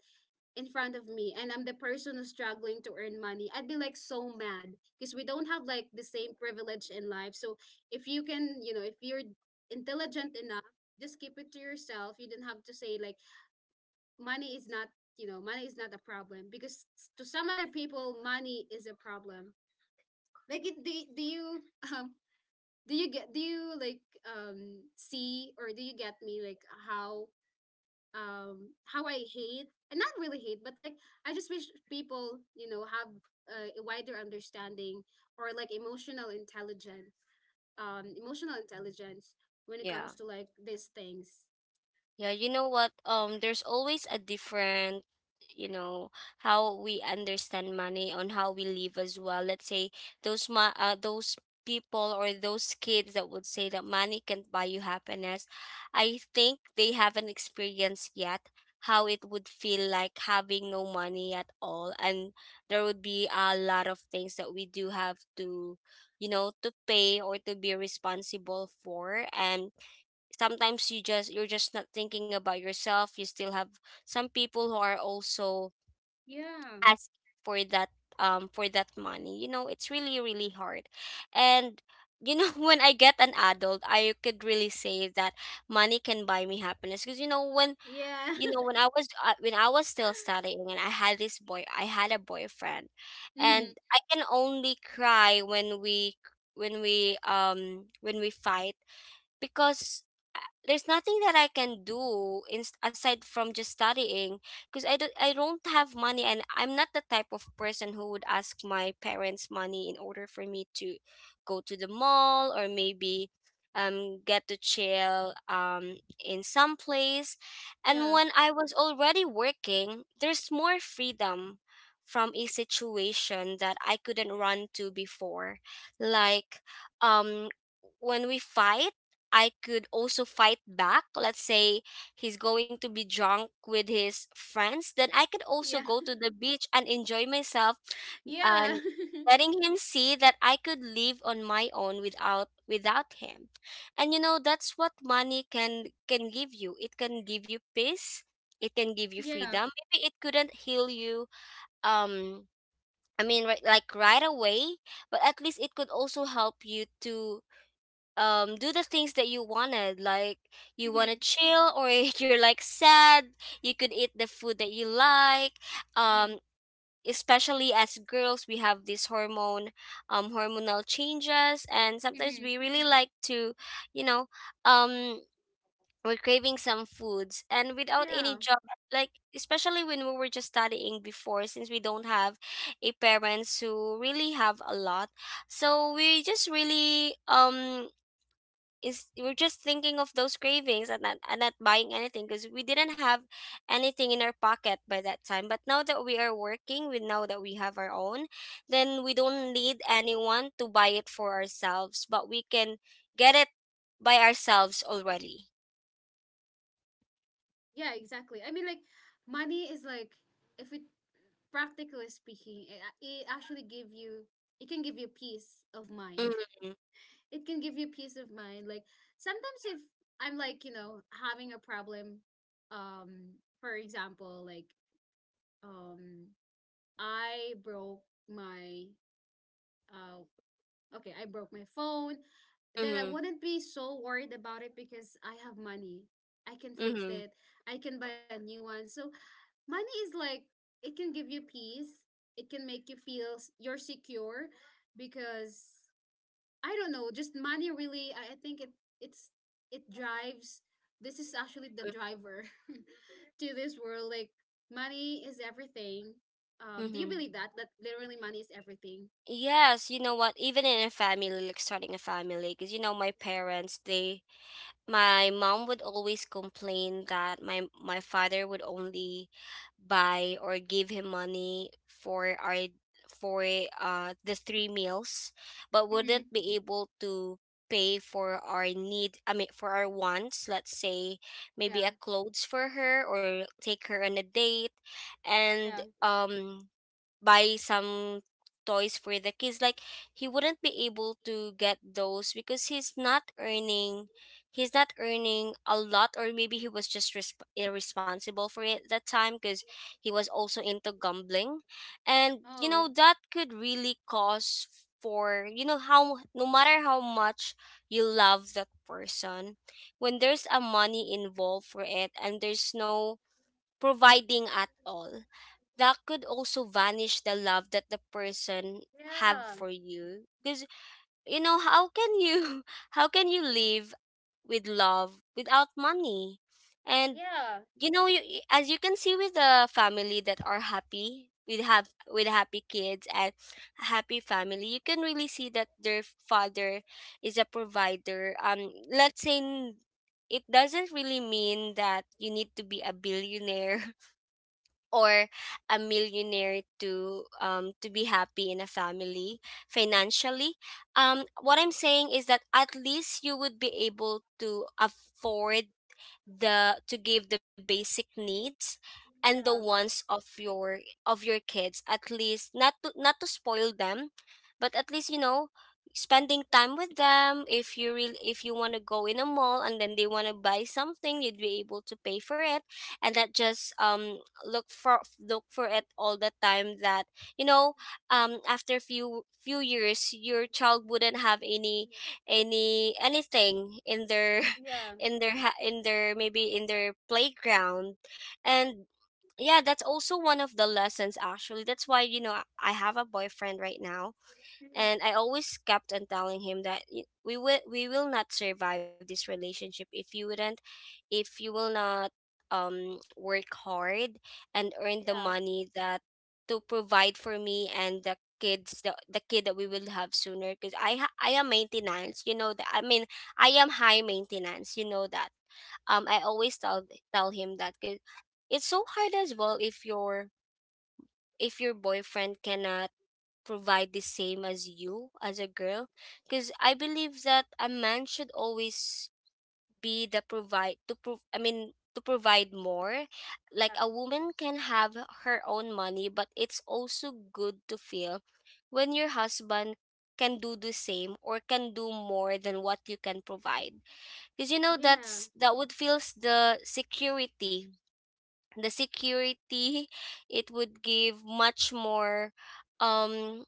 A: in front of me, and I'm the person who's struggling to earn money, I'd be like so mad, because we don't have like the same privilege in life. So if you can, you know, if you're intelligent enough, just keep it to yourself. You don't have to say, like, money is not, money is not a problem because to some other people, money is a problem. Like, do you um do you, like, see, or do you get me, like, how how I hate — and not really hate, but, like, I just wish people have a wider understanding, or, like, emotional intelligence, um emotional intelligence when it comes
B: Yeah.
A: to, like, these things.
B: Yeah, you know what? There's always a different, you know, how we understand money on how we live as well. Let's say those ma those people or those kids that would say that money can't buy you happiness, I think they haven't experienced yet how it would feel like having no money at all. And there would be a lot of things that we do have to, you know, to pay or to be responsible for. And sometimes you just you're just not thinking about yourself, you still have some people who are also
A: Yeah,
B: asking for that, for that money. You know it's really really hard. And you know when I get an adult I could really say that money can buy me happiness. Because you know when,
A: yeah.
B: you know when I was when I was still studying, and I had a boyfriend.
A: Hmm.
B: And I can only cry when we when we fight, because there's nothing that I can do, aside from just studying, because I don't have money, and I'm not the type of person who would ask my parents money in order for me to go to the mall, or maybe get to chill in some place. And
A: Yeah,
B: when I was already working, there's more freedom from a situation that I couldn't run to before. Like um when we fight, I could also fight back. Let's say he's going to be drunk with his friends, then I could also
A: yeah.
B: go to the beach and enjoy myself,
A: Yeah.
B: and letting him see that I could live on my own without without him. And you know that's what money can give you. It can give you peace. It can give you
A: Yeah.
B: freedom. Maybe it couldn't heal you, um I mean right, like right away, but at least it could also help you to do the things that you wanted. Like you want
A: Hmm.
B: to chill, or if you're like sad you could eat the food that you like,
A: Yeah.
B: um especially as girls we have this hormone, hormonal changes, and sometimes
A: Hmm.
B: we really like to, you know, um we're craving some foods. And without
A: Yeah,
B: any job, like especially when we were just studying before, since we don't have a parents who really have a lot, so we just really, is, we're just thinking of those cravings, and not buying anything because we didn't have anything in our pocket by that time. But now that we are working we know that we have our own, then we don't need anyone to buy it for ourselves, but we can get it by ourselves already.
A: yeah, exactly. I mean, like, money is like if we practically speaking, it actually give you — it can give you peace of mind.
B: Mm-hmm.
A: It can give you peace of mind. Like, sometimes if I'm, like, having a problem, um, for example, like, um I broke my uh okay, I broke my phone, then I
B: Mm-hmm.
A: wouldn't be so worried about it because I have money. I can fix
B: Mm-hmm.
A: it. I can buy a new one. So money is like — it can give you peace. It can make you feel you're secure because, I don't know, just money, really, I think it's it drives — this is actually the driver to this world. Like, money is everything. Do you
B: Mm-hmm.
A: believe that literally money is everything?
B: Yes, you know what, even in a family, like starting a family, because you know my parents, they My mom would always complain that my father would only buy or give him money for our for the three meals, but wouldn't
A: Mm-hmm.
B: be able to pay for our need, I mean for our wants. Let's say maybe a
A: Yeah.
B: clothes for her, or take her on a date, and
A: Yeah.
B: buy some toys for the kids. Like, he wouldn't be able to get those because he's not earning, he's not earning a lot, or maybe he was just irresponsible for it at that time, because he was also into gambling. And you know
A: Oh.
B: that could really cause for you know, how no matter how much you love that person, when there's a money involved for it and there's no providing at all, that could also vanish the love that the person have
A: Yeah.
B: for you. Because, you know, how can you how can you live with love without money? And
A: Yeah.
B: you know you, as you can see, with the family that are happy with have with happy kids and a happy family, you can really see that their father is a provider. Let's say it doesn't really mean that you need to be a billionaire or a millionaire to be happy in a family financially. What I'm saying is that at least you would be able to afford the to give the basic needs and the
A: Yeah.
B: wants of your kids, at least not to spoil them, but at least, you know, spending time with them. If you really if you want to go in a mall and then they want to buy something, you'd be able to pay for it, and not just look for it all the time that, you know, after a few years your child wouldn't have any anything in their
A: Yeah.
B: in their in their, maybe in their playground. And yeah, that's also one of the lessons, actually. That's why, you know, I have a boyfriend right now, and I always kept on telling him that we will not survive this relationship if you wouldn't, if you will not work hard and earn the
A: Yeah.
B: money that to provide for me and the kids, the kid that we will have sooner. Because I am maintenance, you know that, I mean I am high maintenance, you know that. I always tell him that, 'cause it's so hard as well if your boyfriend cannot provide the same as you as a girl. Because I believe that a man should always be the provide to prove I mean to provide more. Like, a woman can have her own money, but it's also good to feel when your husband can do the same or can do more than what you can provide. Because you know
A: Yeah.
B: that's that would feels the security, the security. It would give much more um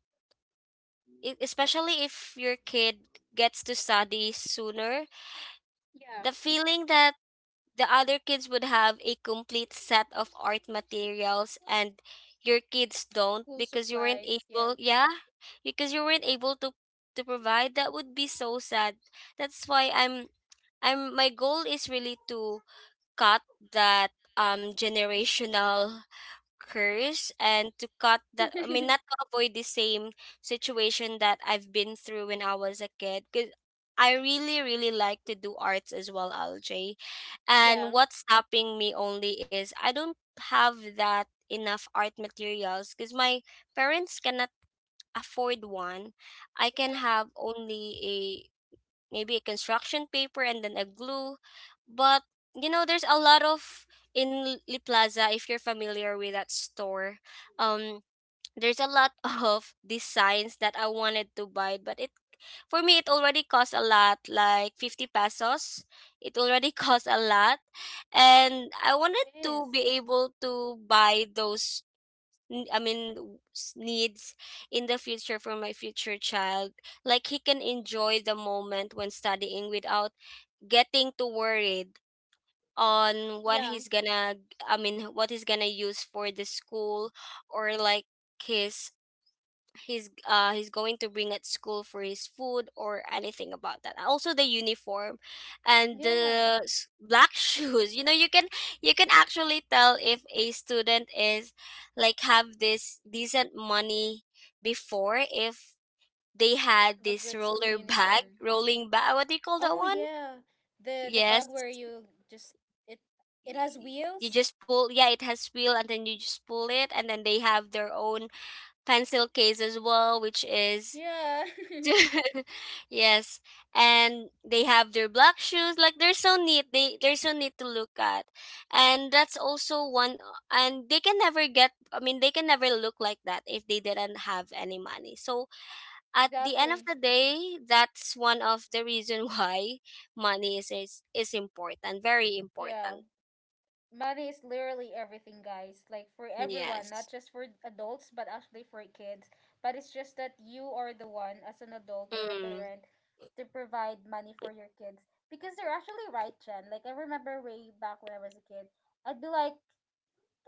B: especially if your kid gets to study sooner,
A: Yeah.
B: the feeling that the other kids would have a complete set of art materials and your kids don't
A: School
B: because you weren't
A: supplies. Yeah.
B: able, yeah, because you weren't able to provide, that would be so sad. That's why I'm my goal is really to cut that generational curse, and to cut that, I mean, not to avoid the same situation that I've been through when I was a kid. Cuz I really really like to do arts as well, LJ, and
A: Yeah.
B: what's stopping me only is I don't have that enough art materials, cuz my parents cannot afford one. I can have only maybe a construction paper and then a glue. But you know, there's a lot of in Liplaza, if you're familiar with that store. Um, there's a lot of designs that I wanted to buy, but it for me it already costs a lot, like 50 pesos. It already costs a lot, and I
A: It
B: wanted
A: is.
B: to be able to buy those I mean, needs in the future for my future child. Like, he can enjoy the moment when studying without getting too worried on what
A: Yeah.
B: he's gonna, I mean, what he's gonna use for the school, or like his he's going to bring at school for his food or anything about that. And also the uniform and
A: Yeah.
B: the black shoes. You know, you can actually tell if a student is like have this decent money before, if they
A: You
B: had
A: have a
B: this
A: good school
B: roller bag,
A: uniform.
B: rolling bag, what do you call that
A: Oh
B: one?
A: yeah. The bag
B: Yes,
A: where you just — it it has
B: you
A: wheels.
B: just pull, yeah, it has wheel, and then you just pull it, and then they have their own pencil case as well, which is
A: Yeah.
B: yes. And they have their black shoes, like they're so neat, they they're so neat to look at. And that's also one, and they can never get, I mean they can never look like that if they didn't have any money. So at the end of
A: Exactly.
B: the day, that's one of the reason why money is is important, very
A: Yeah.
B: important.
A: Money is literally everything, guys. Like, for everyone — not
B: Yes.
A: just for adults, but actually for kids. But it's just that you are the one, as an adult or a
B: Mm,
A: parent, to provide money for your kids. Because they're actually right, Jen. Like, I remember way back when I was a kid, I'd be like,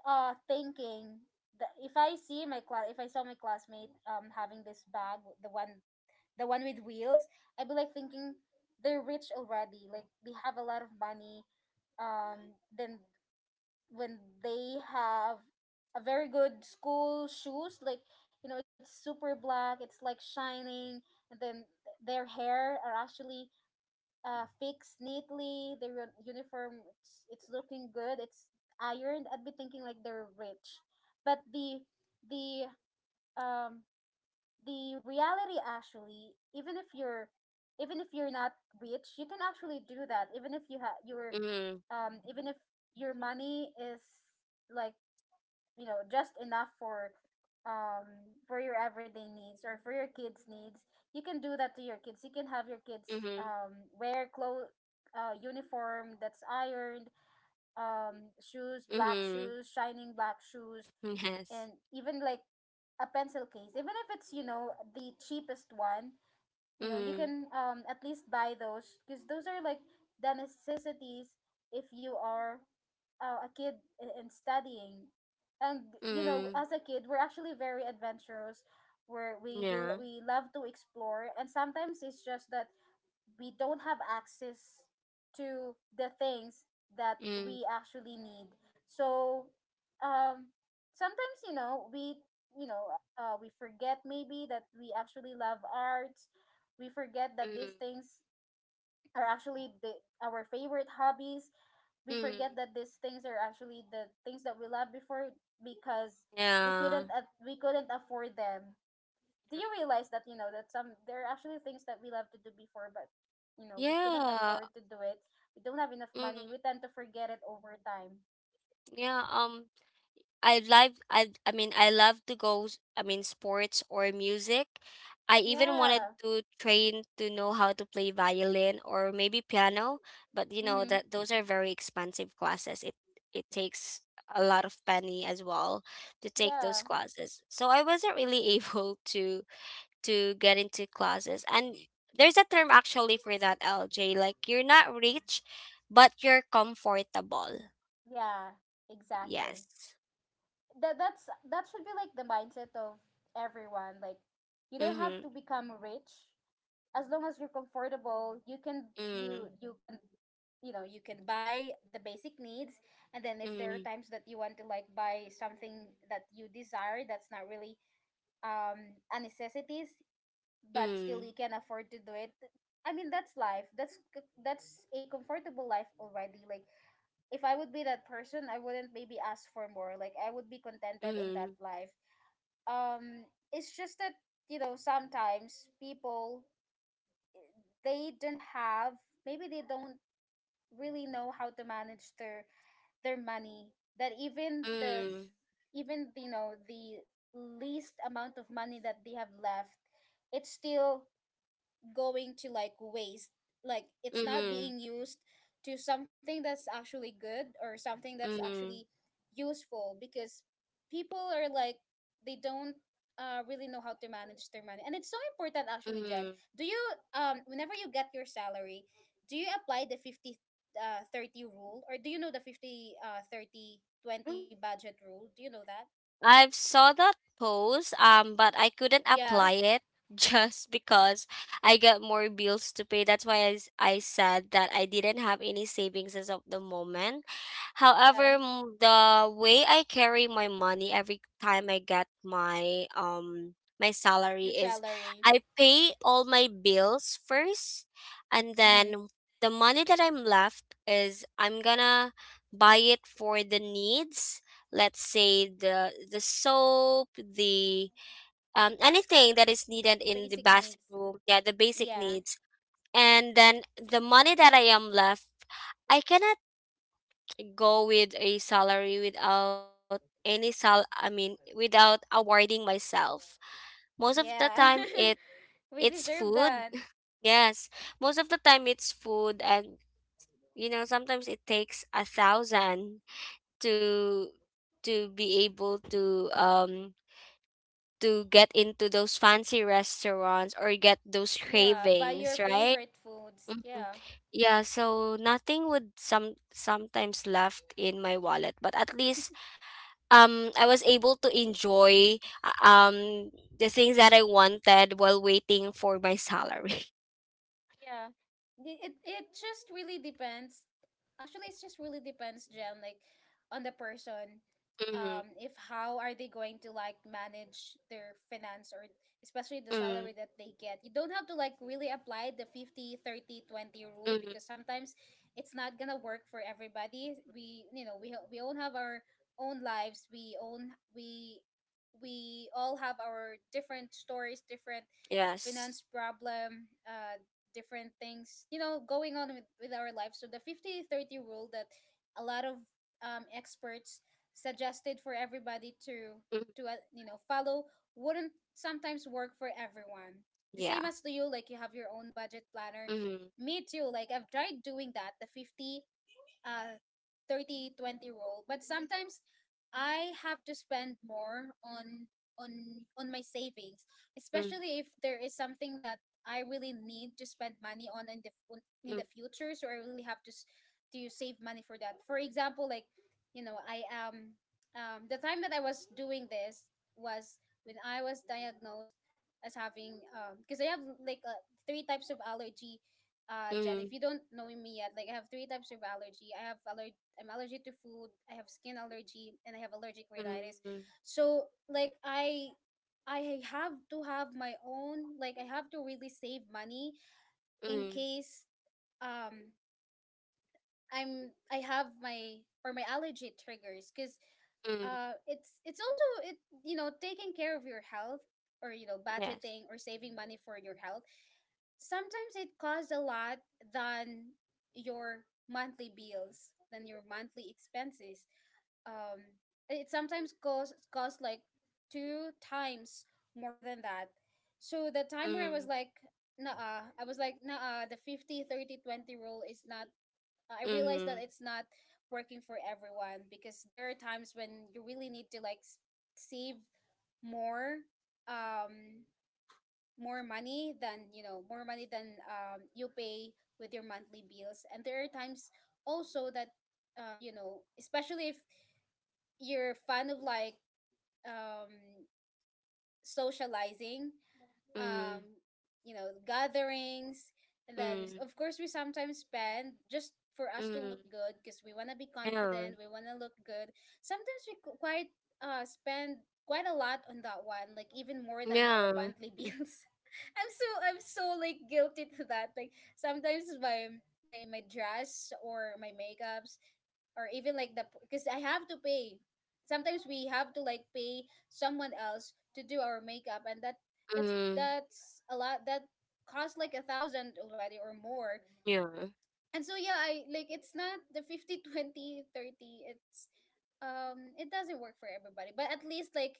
A: thinking that — if I see my class, if I saw my classmate having this bag, the one with wheels, I'd be, like, thinking they're rich already. Like, they have a lot of money, then when they have a very good school shoes, like, it's super black, it's like shining, and then their hair are actually fixed neatly, their uniform, it's looking good, it's ironed, I'd be thinking, like, they're rich. But the um the reality, actually, even if you're not rich, you can actually do that, even if you have your —
B: mm,
A: even if your money is, like, just enough for — for your everyday needs or for your kids needs, you can do that to your kids, you can have your kids
B: mm-hmm,
A: wear clothes, uniform that's ironed, shoes, black
B: mm-hmm.
A: shoes shining black shoes,
B: Yes.
A: and even, like, a pencil case, even if it's, the cheapest one. You
B: mm,
A: can at least buy those because those are, like, the necessities if you are a kid, and studying. And,
B: mm,
A: as a kid, we're actually very adventurous, where
B: yeah.
A: we love to explore, and sometimes it's just that we don't have access to the things that
B: mm,
A: we actually need. So, um, sometimes, you know we forget, maybe, that we actually love art. We forget that
B: mm.
A: these things are actually our favorite hobbies. We
B: Mm,
A: forget that these things are actually the things that we loved before because
B: yeah.
A: we couldn't afford them. Do you realize that, you know that some there are actually things that we love to do before, but, we couldn't
B: Yeah.
A: afford to do it, we don't have enough
B: Mm,
A: money, we tend to forget it over time.
B: yeah. I like I mean, I love to go I mean sports or music. I even
A: Yeah.
B: wanted to train to know how to play violin or maybe piano, but you know
A: Mm-hmm.
B: that those are very expensive classes. It takes a lot of penny as well to take those
A: Yeah,
B: classes. So I wasn't really able to get into classes. And there's a term actually for that, LJ. Like, you're not rich, but you're comfortable.
A: yeah, exactly.
B: Yes.
A: That that should be, like, the mindset of everyone. Like, you don't have
B: Mm-hmm.
A: to become rich. As long as you're comfortable, you can —
B: Mm.
A: you can, you can buy the basic needs, and then if there are
B: Mm.
A: times that you want to, like, buy something that you desire, that's not really a necessities, but still you
B: Mm.
A: can afford to do it, I mean that's life, that's a comfortable life already. Like, if I would be that person, I wouldn't maybe ask for more, like, I would be contented on that
B: Mm.
A: life. um it's just that, sometimes people they don't have maybe they don't really know how to manage their money, that even the —
B: Mm.
A: even, the least amount of money that they have left, it's still going to, like, waste, like it's not
B: Mm.
A: being used to something that's actually good or something that's actually
B: Mm.
A: useful. Because people are, like, they don't really know how to manage their money, and it's so important,
B: Mm.
A: actually, Jen.
B: Mm.
A: Do you Whenever you get your salary, do you apply the 50 30 rule, or do you know the 50 thirty
B: Mm.
A: twenty budget rule? Do you know that?
B: I've saw that post, but I couldn't
A: Yeah.
B: apply it just because I got more bills to pay. That's why I, I said that I didn't have any savings as of the moment.
A: Yeah,
B: However, the way I carry my money every time I get my my
A: your
B: salary is
A: salary.
B: I pay all my bills first, and
A: Mm-hmm.
B: then the money that I'm left is I'm gonna buy it for the needs. Let's say the soap, the anything that is needed in the
A: Basic needs.
B: bathroom, yeah, the basic
A: Yeah.
B: needs. And then the money that I am left, I cannot go with a salary without any sal I mean without awarding myself. Most of the
A: Yeah.
B: time it
A: We
B: it's
A: deserve
B: food.
A: that.
B: Yes, most of the time it's food. And you know, sometimes it takes a thousand to to be able to get into those fancy restaurants or get those
A: Yeah, buy your
B: cravings, right?
A: favorite foods.
B: Mhm.
A: Yeah.
B: Yeah, so nothing would some sometimes left in my wallet, but at least I was able to enjoy uh, um the things that I wanted while waiting for my salary.
A: Yeah. It it just really depends. Actually, it just really depends, Jen. Like, on the person.
B: Mm-hmm.
A: If How are they going to, like, manage their finance, or especially the
B: Mm-hmm.
A: salary that they get. You don't have to, like, really apply the 50, 30, 20 rule
B: Mm-hmm.
A: because sometimes it's not gonna work for everybody. We you know, we all have our own lives. We own we all have our different stories, different
B: Yes.
A: finance problem, different things, going on with, our lives. So the 50/30 rule that a lot of experts suggested for everybody to
B: Mm-hmm.
A: follow wouldn't sometimes work for everyone. The
B: Yeah.
A: same as to you. Like, you have your own budget planner.
B: Mm-hmm.
A: Me too. Like, I've tried doing that, the 50 uh 30/20 20 rule, but sometimes I have to spend more on on my savings,
B: Mm-hmm.
A: especially if there is something that I really need to spend money on in the future, so I really have to to save money for that. For example, like, you know I the time that I was doing this was when I was diagnosed as having because I have, like, three types of allergy. Jen,
B: Mm-hmm.
A: if you don't know me yet, like, I have three types of allergy. I'm allergic to food, I have skin allergy, and I have allergic rhinitis.
B: Mm-hmm.
A: So, like, I have to have my own, like, I have to really save money in
B: Mm-hmm.
A: case um I have my — or my allergy triggers. Because
B: Mm-hmm.
A: it's also it taking care of your health, or,
B: Yes.
A: budgeting or saving money for your health, sometimes it costs a lot than your monthly bills, than your monthly expenses. um it sometimes costs, like, two times more than that. So the time where
B: Mm-hmm.
A: I was like, nah, the 50, 30, 20 rule is not — I realized
B: Mm-hmm.
A: that it's not working for everyone, because there are times when you really need to, like, save more — um more money than, more money than you pay with your monthly bills. And there are times also that, especially if you're a fan of, like, um, socializing,
B: Mm-hmm.
A: um, you know, gatherings. And then,
B: Mm-hmm.
A: of course, we sometimes spend just for us to
B: Mm,
A: look good because we want to be
B: yeah.
A: confident, we want to look good. Sometimes we quite spend quite a lot on that one, like even more than our
B: Yeah.
A: monthly bills. I'm so, like, guilty to that. Like, sometimes my dress or my makeups, or even, like, the — because I have to pay. Sometimes we have to, like, pay someone else to do our makeup, and that's
B: Mm,
A: that's a lot. That cost, like, a thousand already, or more.
B: yeah.
A: And so yeah, I — like, it's not the 50, 20, 30. It's — it doesn't work for everybody, but at least, like,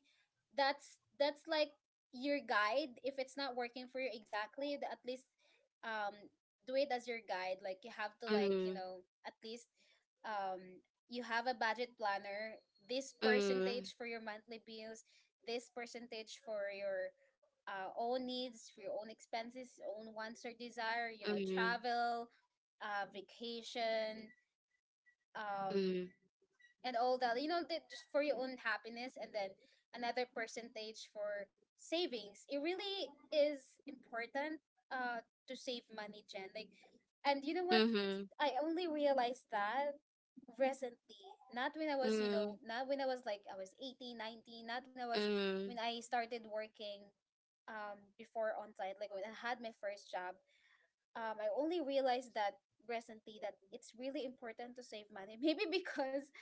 A: that's, like, your guide. If it's not working for you exactly at least, um do it as your guide. Like, you have to, like,
B: Mm,
A: at least um you have a budget planner — this
B: mm,
A: percentage for your monthly bills, this percentage for your own needs, for your own expenses, own wants or desire,
B: mm,
A: travel, vacation, um,
B: mm,
A: and all that. You know, that just for your own happiness, and then another percentage for savings. It really is important, uh, to save money, Jen. Like, and you know what?
B: mhm,
A: I only realized that recently. Not when I was,
B: mm,
A: I was 18, 19. Not when I was
B: mm,
A: when I started working before on site, like when I had my first job. I only realized that recently that it's really important to save money. Maybe because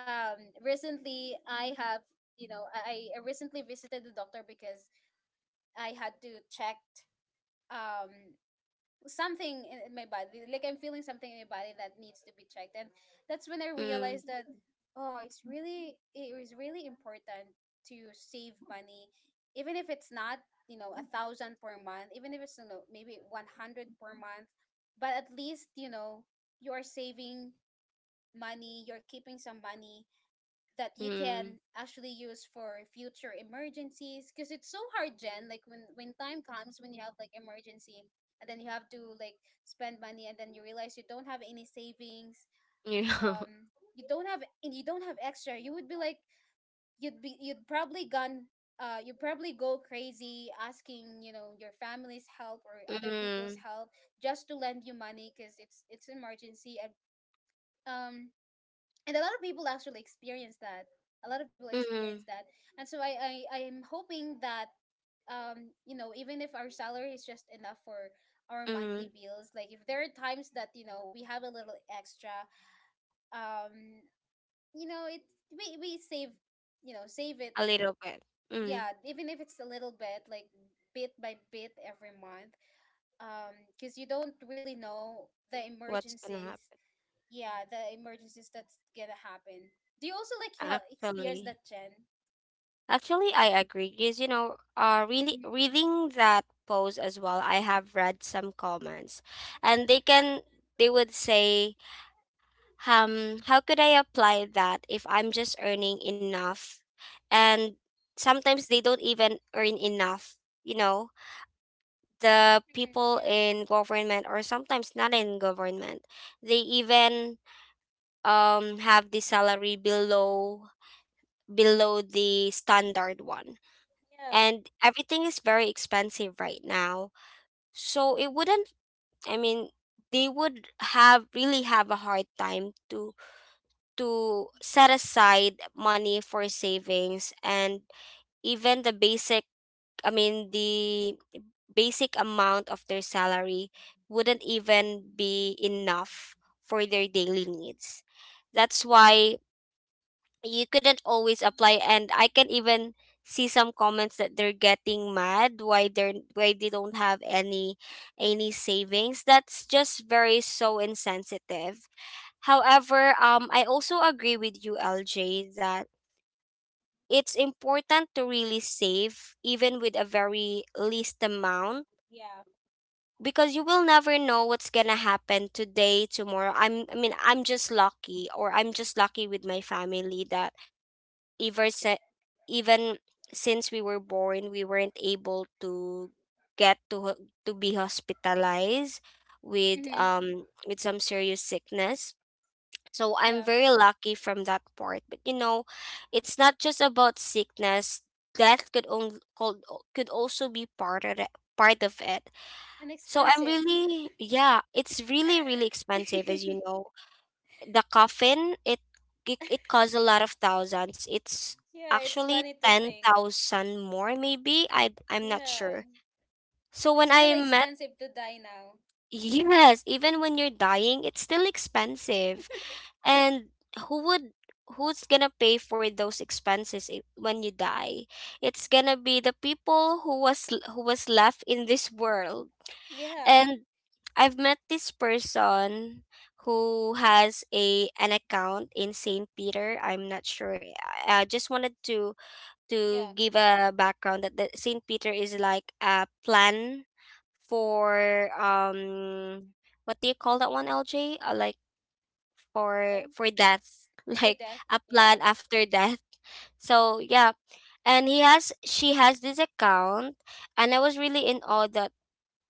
A: recently I have, I recently visited the doctor because I had to check um, something in my body. Like I'm feeling something in my body that needs to be checked, and that's when I
B: mm,
A: realized that, oh, it is really important to save money, even if it's not, a thousand per month. Even if it's, maybe 100 per month, but at least, you know, you are saving money. You're keeping some money that you
B: mm,
A: can actually use for future emergencies, because it's so hard, Jen. Like, when time comes when you have like emergency, and then you have to like spend money, and then you realize you don't have any savings.
B: Yeah.
A: um you don't have, and you don't have extra. You would be like, you'd probably gone. You'd probably go crazy asking, you know, your family's help or other people's help, just to lend you money because it's emergency. And um and a lot of people actually experience that. A lot of people
B: Mm, mm,
A: experience that. And so I am hoping that, you know, even if our salary is just enough for our
B: mm.
A: monthly bills, like if there are times that, you know, we have a little extra, um you know, it, we save, you know, save it.
B: A little bit. Mm.
A: Yeah, even if it's a little bit, like bit by bit every month. Because you don't really know the
B: What's gonna
A: emergencies.
B: happen?
A: Yeah, the emergencies that's gonna happen. Do you also like experience
B: Actually,
A: that, Jen?
B: actually, I agree. Because, you know, really
A: Mhm.
B: reading that post as well, I have read some comments, and they can, they would say how could I apply that if I'm just earning enough? And sometimes they don't even earn enough, you know, the
A: Mhm.
B: people
A: Yeah.
B: in government, or sometimes not in government, they even have the salary below, below the standard one,
A: Yeah.
B: and everything is very expensive right now. So it wouldn't, I mean, they would have really have a hard time to set aside money for savings. And even the basic, I mean the basic amount of their salary wouldn't even be enough for their daily needs. That's why you couldn't always apply. And I can even see some comments that they're getting mad why they're why they don't have any savings. That's just very so insensitive. However, I also agree with you, LJ, that it's important to really save, even with a very least amount,
A: Yeah.
B: because you will never know what's gonna happen today, tomorrow. I mean, I'm just lucky, or I'm just lucky with my family, that ever se- even since we were born, we weren't able to to be hospitalized
A: Mm-hmm.
B: with some serious sickness. So I'm
A: Yeah,
B: very lucky from that part. But you know, it's not just about sickness, death could only could also be part of it, part of it
A: and
B: so I'm
A: expensive.
B: really yeah it's really really expensive, as you know. The coffin, it it costs a lot of thousands. It's
A: Yeah, it's
B: actually
A: funny to think.
B: 10,000 more, maybe, I I'm not
A: Yeah,
B: sure. So when
A: it's
B: I
A: really
B: met
A: expensive to die now.
B: yes, even when you're dying it's still expensive. And who would who's gonna pay for those expenses when you die? It's gonna be the people who was who was left in this world.
A: Yeah.
B: And I've met this person who has a an account in Saint Peter. I'm not sure. I just wanted
A: Yeah.
B: to give a background that the Saint Peter is like a plan for what do you call that one, LJ? Like
A: In a row.
B: for death,
A: For
B: like
A: death.
B: a
A: Yeah.
B: plan after death. So yeah, and he has she has this account, and I was really in awe that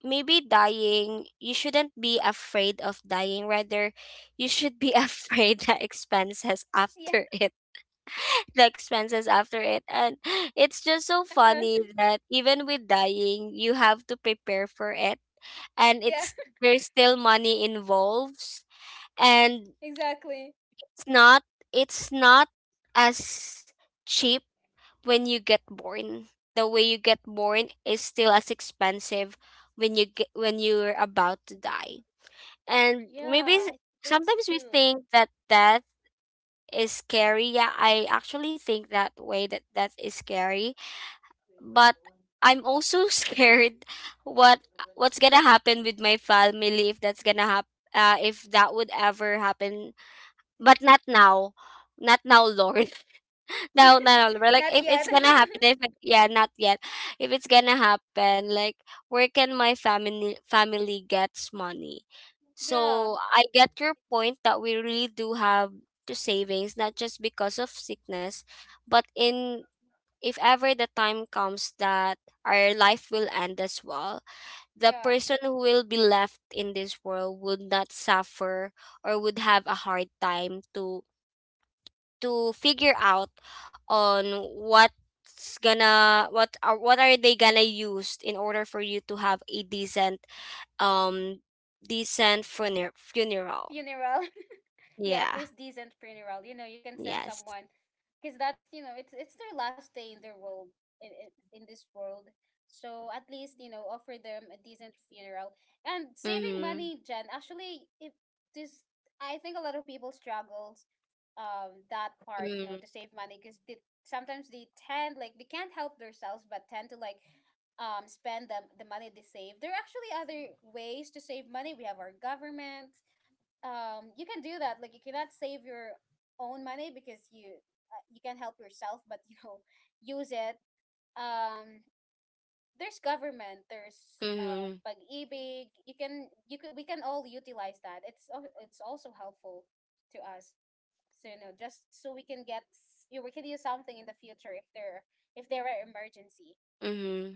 B: maybe dying, you shouldn't be afraid of dying, rather you should be afraid the expenses
A: Yeah.
B: after it. The expenses after it. And it's just so funny that even with dying you have to prepare for it.
A: Yeah.
B: And it's there's still money involved. And
A: Exactly.
B: it's not, it's not as cheap when you get born. The way you get born is still as expensive when you get when you're about to die. And
A: Yeah,
B: maybe
A: that's
B: sometimes we
A: true.
B: think that death is scary. Yeah, I actually think that way, that death is scary, but I'm also scared what what's gonna happen with my family if that's gonna happen. If that would ever happen, but not now. Not now, Lord. No, no, no. Are like,
A: Not
B: if it's
A: yet.
B: gonna happen, if it, yeah, not yet. If it's gonna happen, like, where can my family gets money?
A: Yeah.
B: So I get your point that we really do have to savings, not just because of sickness, but in if ever the time comes that our life will end as well, the
A: Yeah.
B: person who will be left in this world would not suffer, or would have a hard time to figure out on what's gonna what are they gonna use in order for you to have a decent um decent funeral.
A: Funeral. Yeah, at
B: Yeah.
A: least decent funeral. You know, you can send
B: Yes.
A: someone because that's, you know, it's their last day in their world, in this world. So at least, you know, offer them a decent funeral. And saving
B: Mm-hmm.
A: money, Jen, actually it, this, I think a lot of people struggles, that part, you know,
B: Mm-hmm.
A: to save money because they, sometimes they tend, like they can't help themselves but tend to like, spend them the money they save. There are actually other ways to save money. We have our government. You can do that. Like you cannot save your own money because you, you can help yourself, but you know, use it. um there's government, there's Pag-IBIG. You can, we can all utilize that. It's also helpful to us. So, you know, just so we can you, we can use something in the future if there, if there are emergency.
B: Mm-hmm.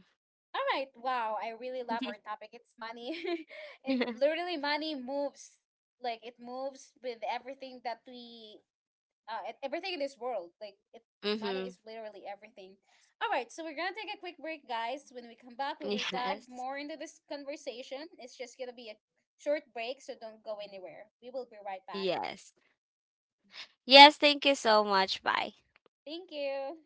A: All right. Wow. I really love our topic. It's money. It literally money moves. Like it moves with everything that we, everything in this world. Like it, money
B: Mm-hmm.
A: is literally everything. All right. So we're going to take a quick break, guys. When we come back, we will dive
B: Yes.
A: more into this conversation. It's just going to be a short break, so don't go anywhere. We will be right back.
B: yes yes, thank you so much, bye.
A: Thank you.